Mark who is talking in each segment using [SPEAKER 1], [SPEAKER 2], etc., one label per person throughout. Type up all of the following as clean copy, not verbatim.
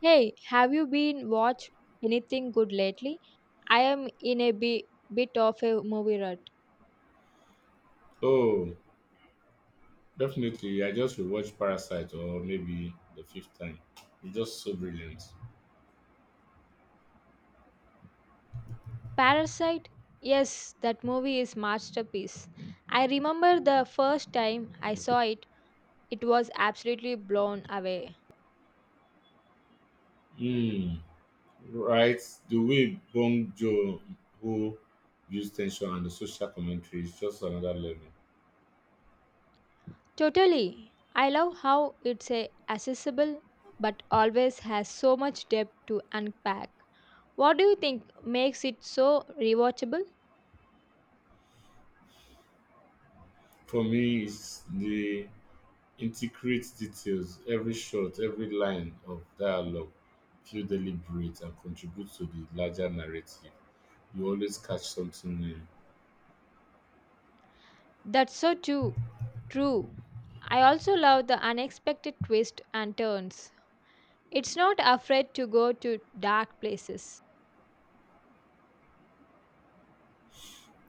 [SPEAKER 1] Hey, have you been watch anything good lately? I am in a bit of a movie rut.
[SPEAKER 2] Oh, definitely. I just rewatched Parasite or maybe the fifth time. It's just so brilliant.
[SPEAKER 1] Parasite? Yes, that movie is masterpiece. I remember the first time I saw it, it was absolutely blown away.
[SPEAKER 2] Mm, right. The way Bong Joon Ho views tension and the social commentary is just another level.
[SPEAKER 1] Totally. I love how it's a accessible but always has so much depth to unpack. What do you think makes it so rewatchable?
[SPEAKER 2] For me, it's the intricate details, every shot, every line of dialogue feel deliberate and contribute to the larger narrative. You always catch something new.
[SPEAKER 1] That's so too true. I also love the unexpected twists and turns. It's not afraid to go to dark places.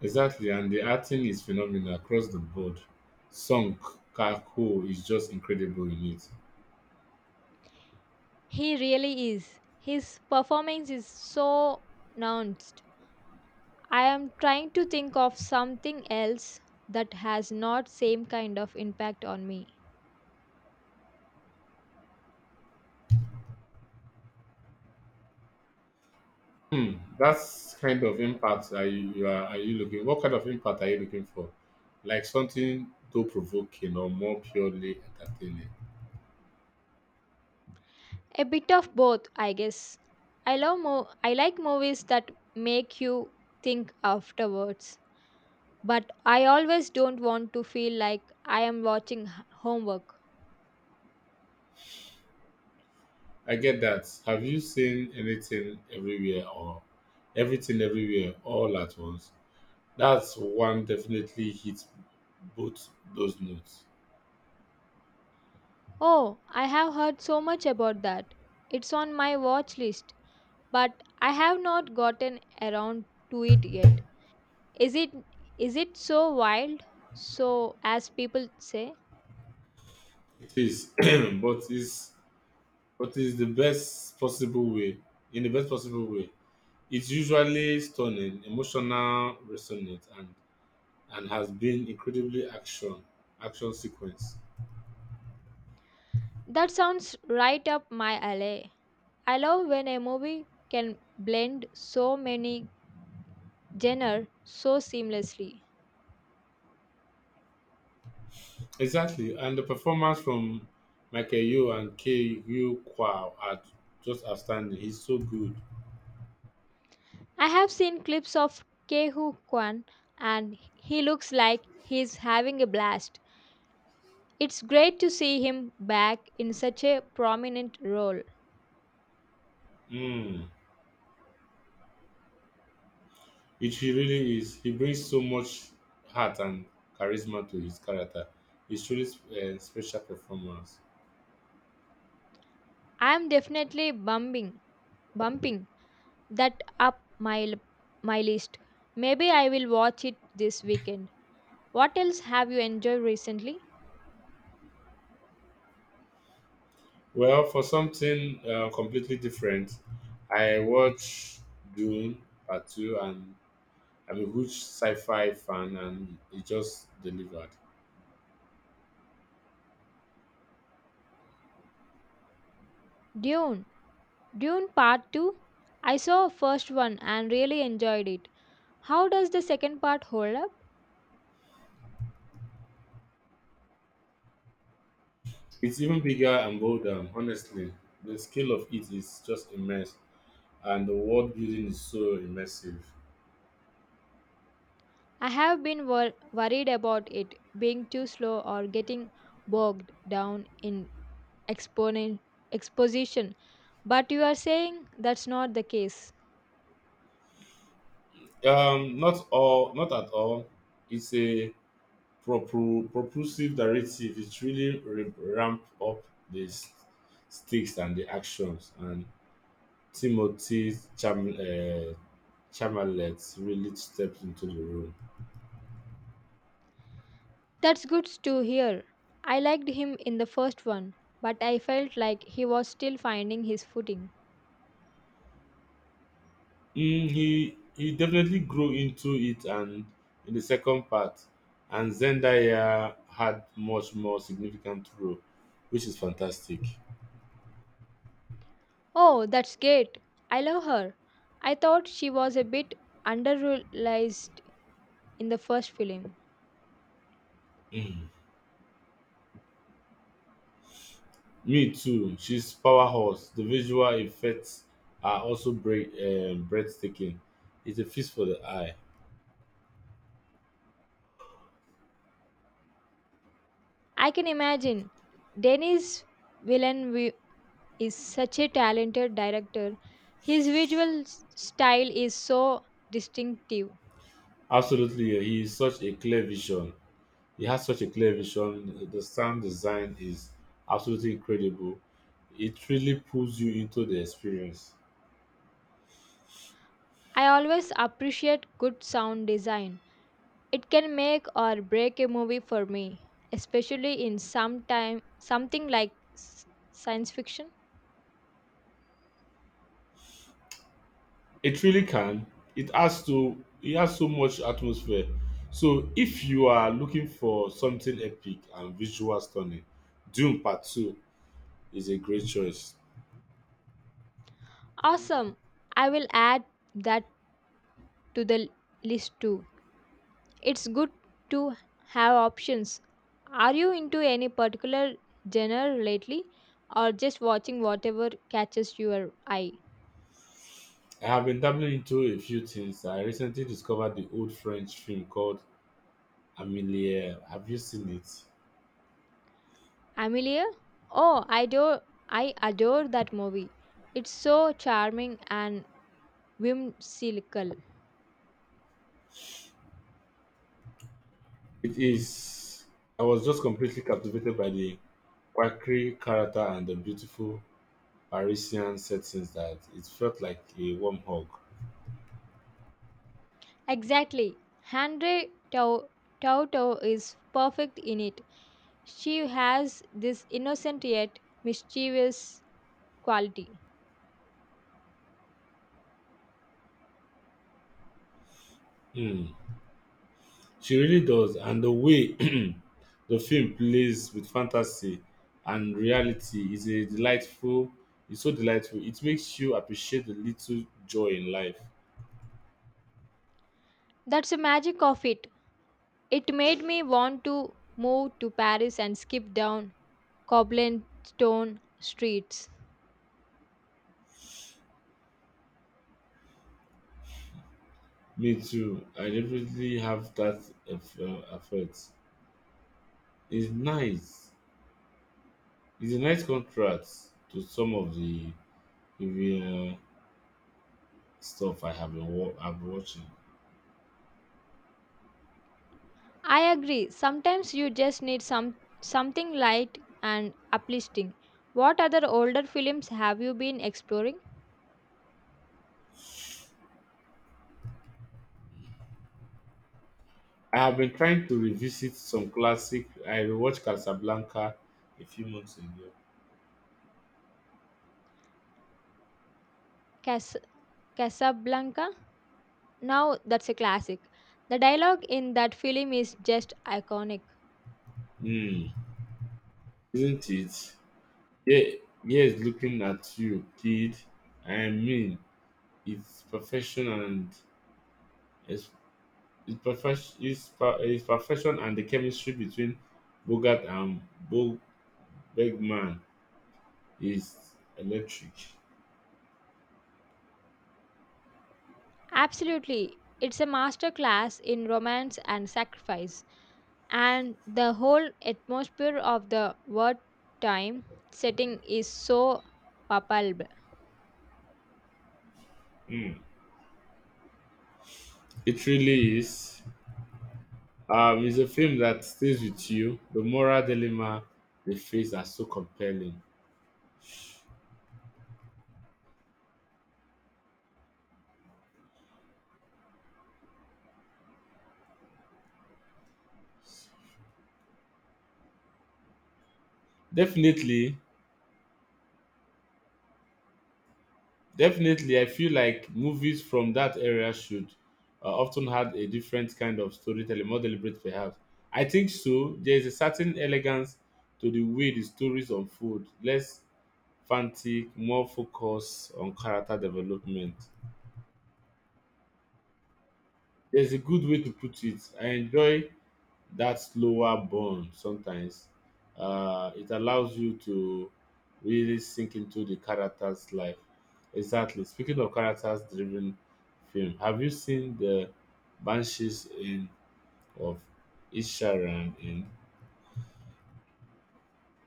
[SPEAKER 2] Exactly, and the acting is phenomenal across the board. Song Kang-ho is just incredible in it.
[SPEAKER 1] He really is. His performance is so nuanced. I am trying to think of something else that has not same kind of impact on me.
[SPEAKER 2] Hmm, that's kind of impact are you, you are you looking? What kind of impact are you looking for? Like something though provoking or more purely entertaining.
[SPEAKER 1] A bit of both, I guess. I love I like movies that make you think afterwards. But I always don't want to feel like I am watching homework.
[SPEAKER 2] I get that. Have you seen anything everywhere or everything everywhere all at once? That's one definitely hits both those notes.
[SPEAKER 1] Oh, I have heard so much about that. It's on my watch list, but I have not gotten around to it yet. Is it is it so wild? So as people say,
[SPEAKER 2] It is, but it's What is the best possible way? In the best possible way, it's usually stunning, emotional, resonant, and has been incredibly action sequence.
[SPEAKER 1] that sounds right up my alley. I love when a movie can blend so many genre so seamlessly.
[SPEAKER 2] Exactly, and the performance from Michael Yeoh and K. Yu Kwao are just outstanding. He's so good.
[SPEAKER 1] I have seen clips of Kehu Kwan and he looks like he's having a blast. It's great to see him back in such a prominent role.
[SPEAKER 2] Mm, it he really is. He brings so much heart and charisma to his character. It's truly a special performance.
[SPEAKER 1] I'm definitely bumping that up my list. Maybe I will watch it this weekend. What else have you enjoyed recently?
[SPEAKER 2] Well, for something completely different, I watch Dune Part 2, and I'm a huge sci-fi fan and it just delivered.
[SPEAKER 1] Dune. Dune part 2. I saw first one and really enjoyed it. How does the second part hold up?
[SPEAKER 2] It's even bigger and bolder, honestly. The scale of it is just immense and the world building is so immersive.
[SPEAKER 1] I have been worried about it being too slow or getting bogged down in exponent exposition, but you are saying that's not the case.
[SPEAKER 2] Not at all. It's a propulsive narrative. Ramp up the stakes and the actions and Timothy Cham- uh, Chamallet really stepped into the role.
[SPEAKER 1] That's good to hear. I liked him in the first one, but I felt like he was still finding his footing.
[SPEAKER 2] Mm, he definitely grew into it, and in the second part, and Zendaya had much more significant role, which is fantastic.
[SPEAKER 1] Oh, that's great. I love her. I thought she was a bit underrealized in the first film.
[SPEAKER 2] Mm. Me too. She's powerhouse. The visual effects are also breathtaking. It's a feast for the eye.
[SPEAKER 1] I can imagine Dennis' villain is such a talented director. His visual style is so distinctive.
[SPEAKER 2] Absolutely, he is such a clear vision. He has such a clear vision. The sound design is absolutely incredible. It really pulls you into the experience.
[SPEAKER 1] I always appreciate good sound design. It can make or break a movie for me, especially in some time something like s- science fiction.
[SPEAKER 2] It really can. It has to. It has so much atmosphere. So if you are looking for something epic and visual stunning, Doom Part Two is a great choice.
[SPEAKER 1] Awesome. I will add that to the list too. It's good to have options. Are you into any particular genre lately or just watching whatever catches your eye?
[SPEAKER 2] I have been dabbling into a few things. I recently discovered the old French film called Amelie. Have you seen it?
[SPEAKER 1] Amelia? Oh, I adore that movie. It's so charming and whimsical.
[SPEAKER 2] It is. I was just completely captivated by the quirky character and the beautiful Parisian settings that it felt like a warm hug.
[SPEAKER 1] Exactly. Henry Tau- Toto is perfect in it. She has this innocent yet mischievous quality.
[SPEAKER 2] Hmm. She really does, and the way the film plays with fantasy and reality is a delightful. It's so delightful. It makes you appreciate the little joy in life.
[SPEAKER 1] That's the magic of it. It made me want to move to Paris and skip down cobblestone streets.
[SPEAKER 2] Me too. I definitely have that effect. It's nice. It's a nice contrast to some of the review stuff I have been I've been watching.
[SPEAKER 1] I agree. Sometimes you just need something light and uplifting. What other older films have you been exploring?
[SPEAKER 2] I have been trying to revisit some classic. I rewatched Casablanca a few months ago.
[SPEAKER 1] Cas- Casablanca? Now that's a classic. The dialogue in that film is just iconic.
[SPEAKER 2] Hmm, isn't it? Yeah, yes, looking at you, kid. I mean, it's perfection and it's, it's perfection. It's, per, it's perfection and the chemistry between Bogart and Bo Bergman is electric.
[SPEAKER 1] Absolutely. It's a masterclass in romance and sacrifice, and the whole atmosphere of the word time setting is so palpable.
[SPEAKER 2] Hmm, it really is. It's a film that stays with you. The moral dilemma they face are so compelling. Definitely, definitely, I feel like movies from that area should often had a different kind of storytelling, more deliberate perhaps. I think so. There is a certain elegance to the way the stories unfold, less frantic, more focus on character development. There's a good way to put it. I enjoy that slower burn sometimes, it allows you to really sink into the character's life. Exactly, speaking of characters driven film, have you seen the banshees in of isharan in?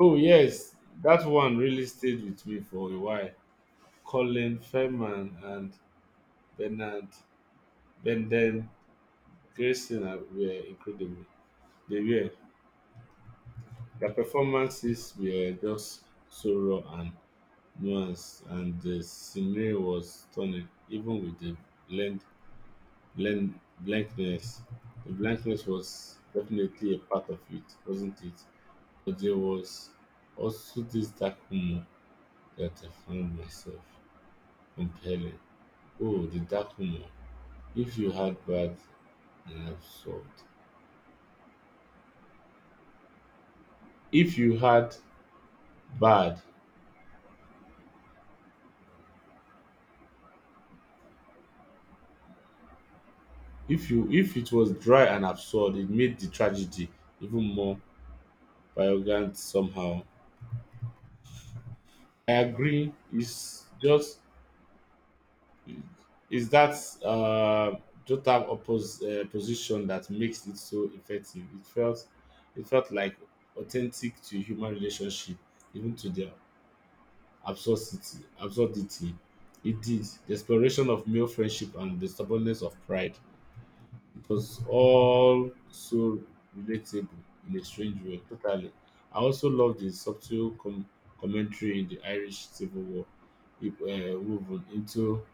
[SPEAKER 2] Oh yes, that one really stayed with me for a while. Colin Feldman and Bernard benden Grayson were incredible. They were, their performances were just so raw nuance, and the scenery was stunning, even with the blend, blankness. The blankness was definitely a part of it, wasn't it? But there was also this dark humor that I found myself compelling. Oh, the dark humor. If you had bad and absurd. If you had bad, if it was dry and absurd, it made the tragedy even more violent somehow. I agree. It's just is that uh, total oppos- position that makes it so effective. It felt like authentic to human relationship, even to their Absurdity. It did the exploration of male friendship and the stubbornness of pride. It was all so relatable in a strange way, totally. I also love the subtle commentary in the Irish Civil War, if, woven into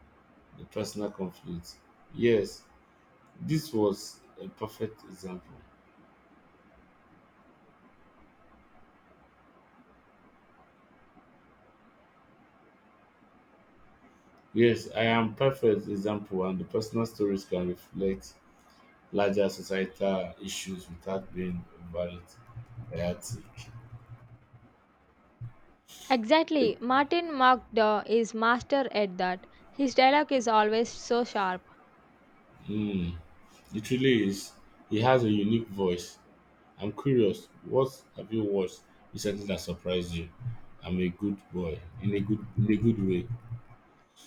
[SPEAKER 2] the personal conflict. Yes, this was a perfect example. Yes, I am perfect example, and the personal stories can reflect larger societal issues without being overly chaotic.
[SPEAKER 1] Exactly, Martin Mcdaw is master at that. His dialogue is always so sharp.
[SPEAKER 2] Mm, it really is. He has a unique voice. I'm curious, what have you watched recently that surprised you? I'm a good boy in a good way.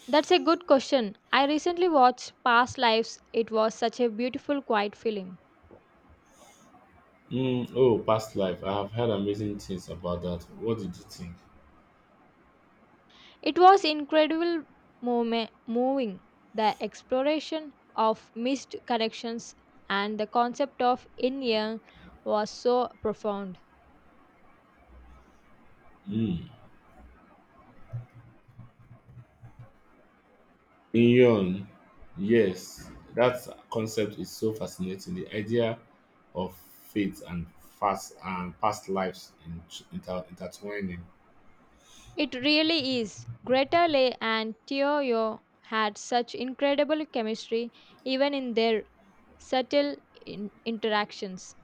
[SPEAKER 1] That's a good question. I recently watched Past Lives. It was such a beautiful quiet film.
[SPEAKER 2] Mm, oh, past life. I have heard amazing things about that. What did you think?
[SPEAKER 1] It was incredible moment, moving the exploration of missed connections and the concept of in year was so profound.
[SPEAKER 2] Mm. Inyon. Yes, that concept is so fascinating. The idea of fate and past lives intertwining.
[SPEAKER 1] It really is. Greta Lee and Teoyo had such incredible chemistry even in their subtle interactions.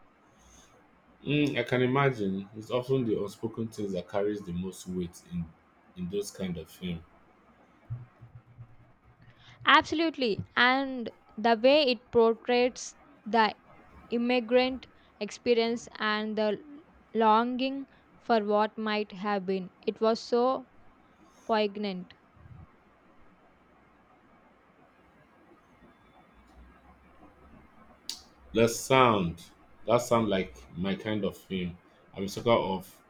[SPEAKER 2] Mm, I can imagine. It's often the unspoken things that carries the most weight in those kind of film.
[SPEAKER 1] Absolutely. And the way it portrays the immigrant experience and the longing for what might have been, it was so poignant.
[SPEAKER 2] The sound That sound like my kind of film. I'm a sucker of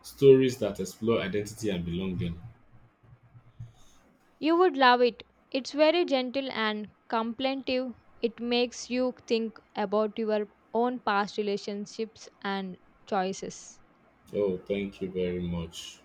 [SPEAKER 2] stories that explore identity and belonging.
[SPEAKER 1] You would love it. It's very gentle and contemplative. It makes you think about your own past relationships and choices.
[SPEAKER 2] Oh, thank you very much.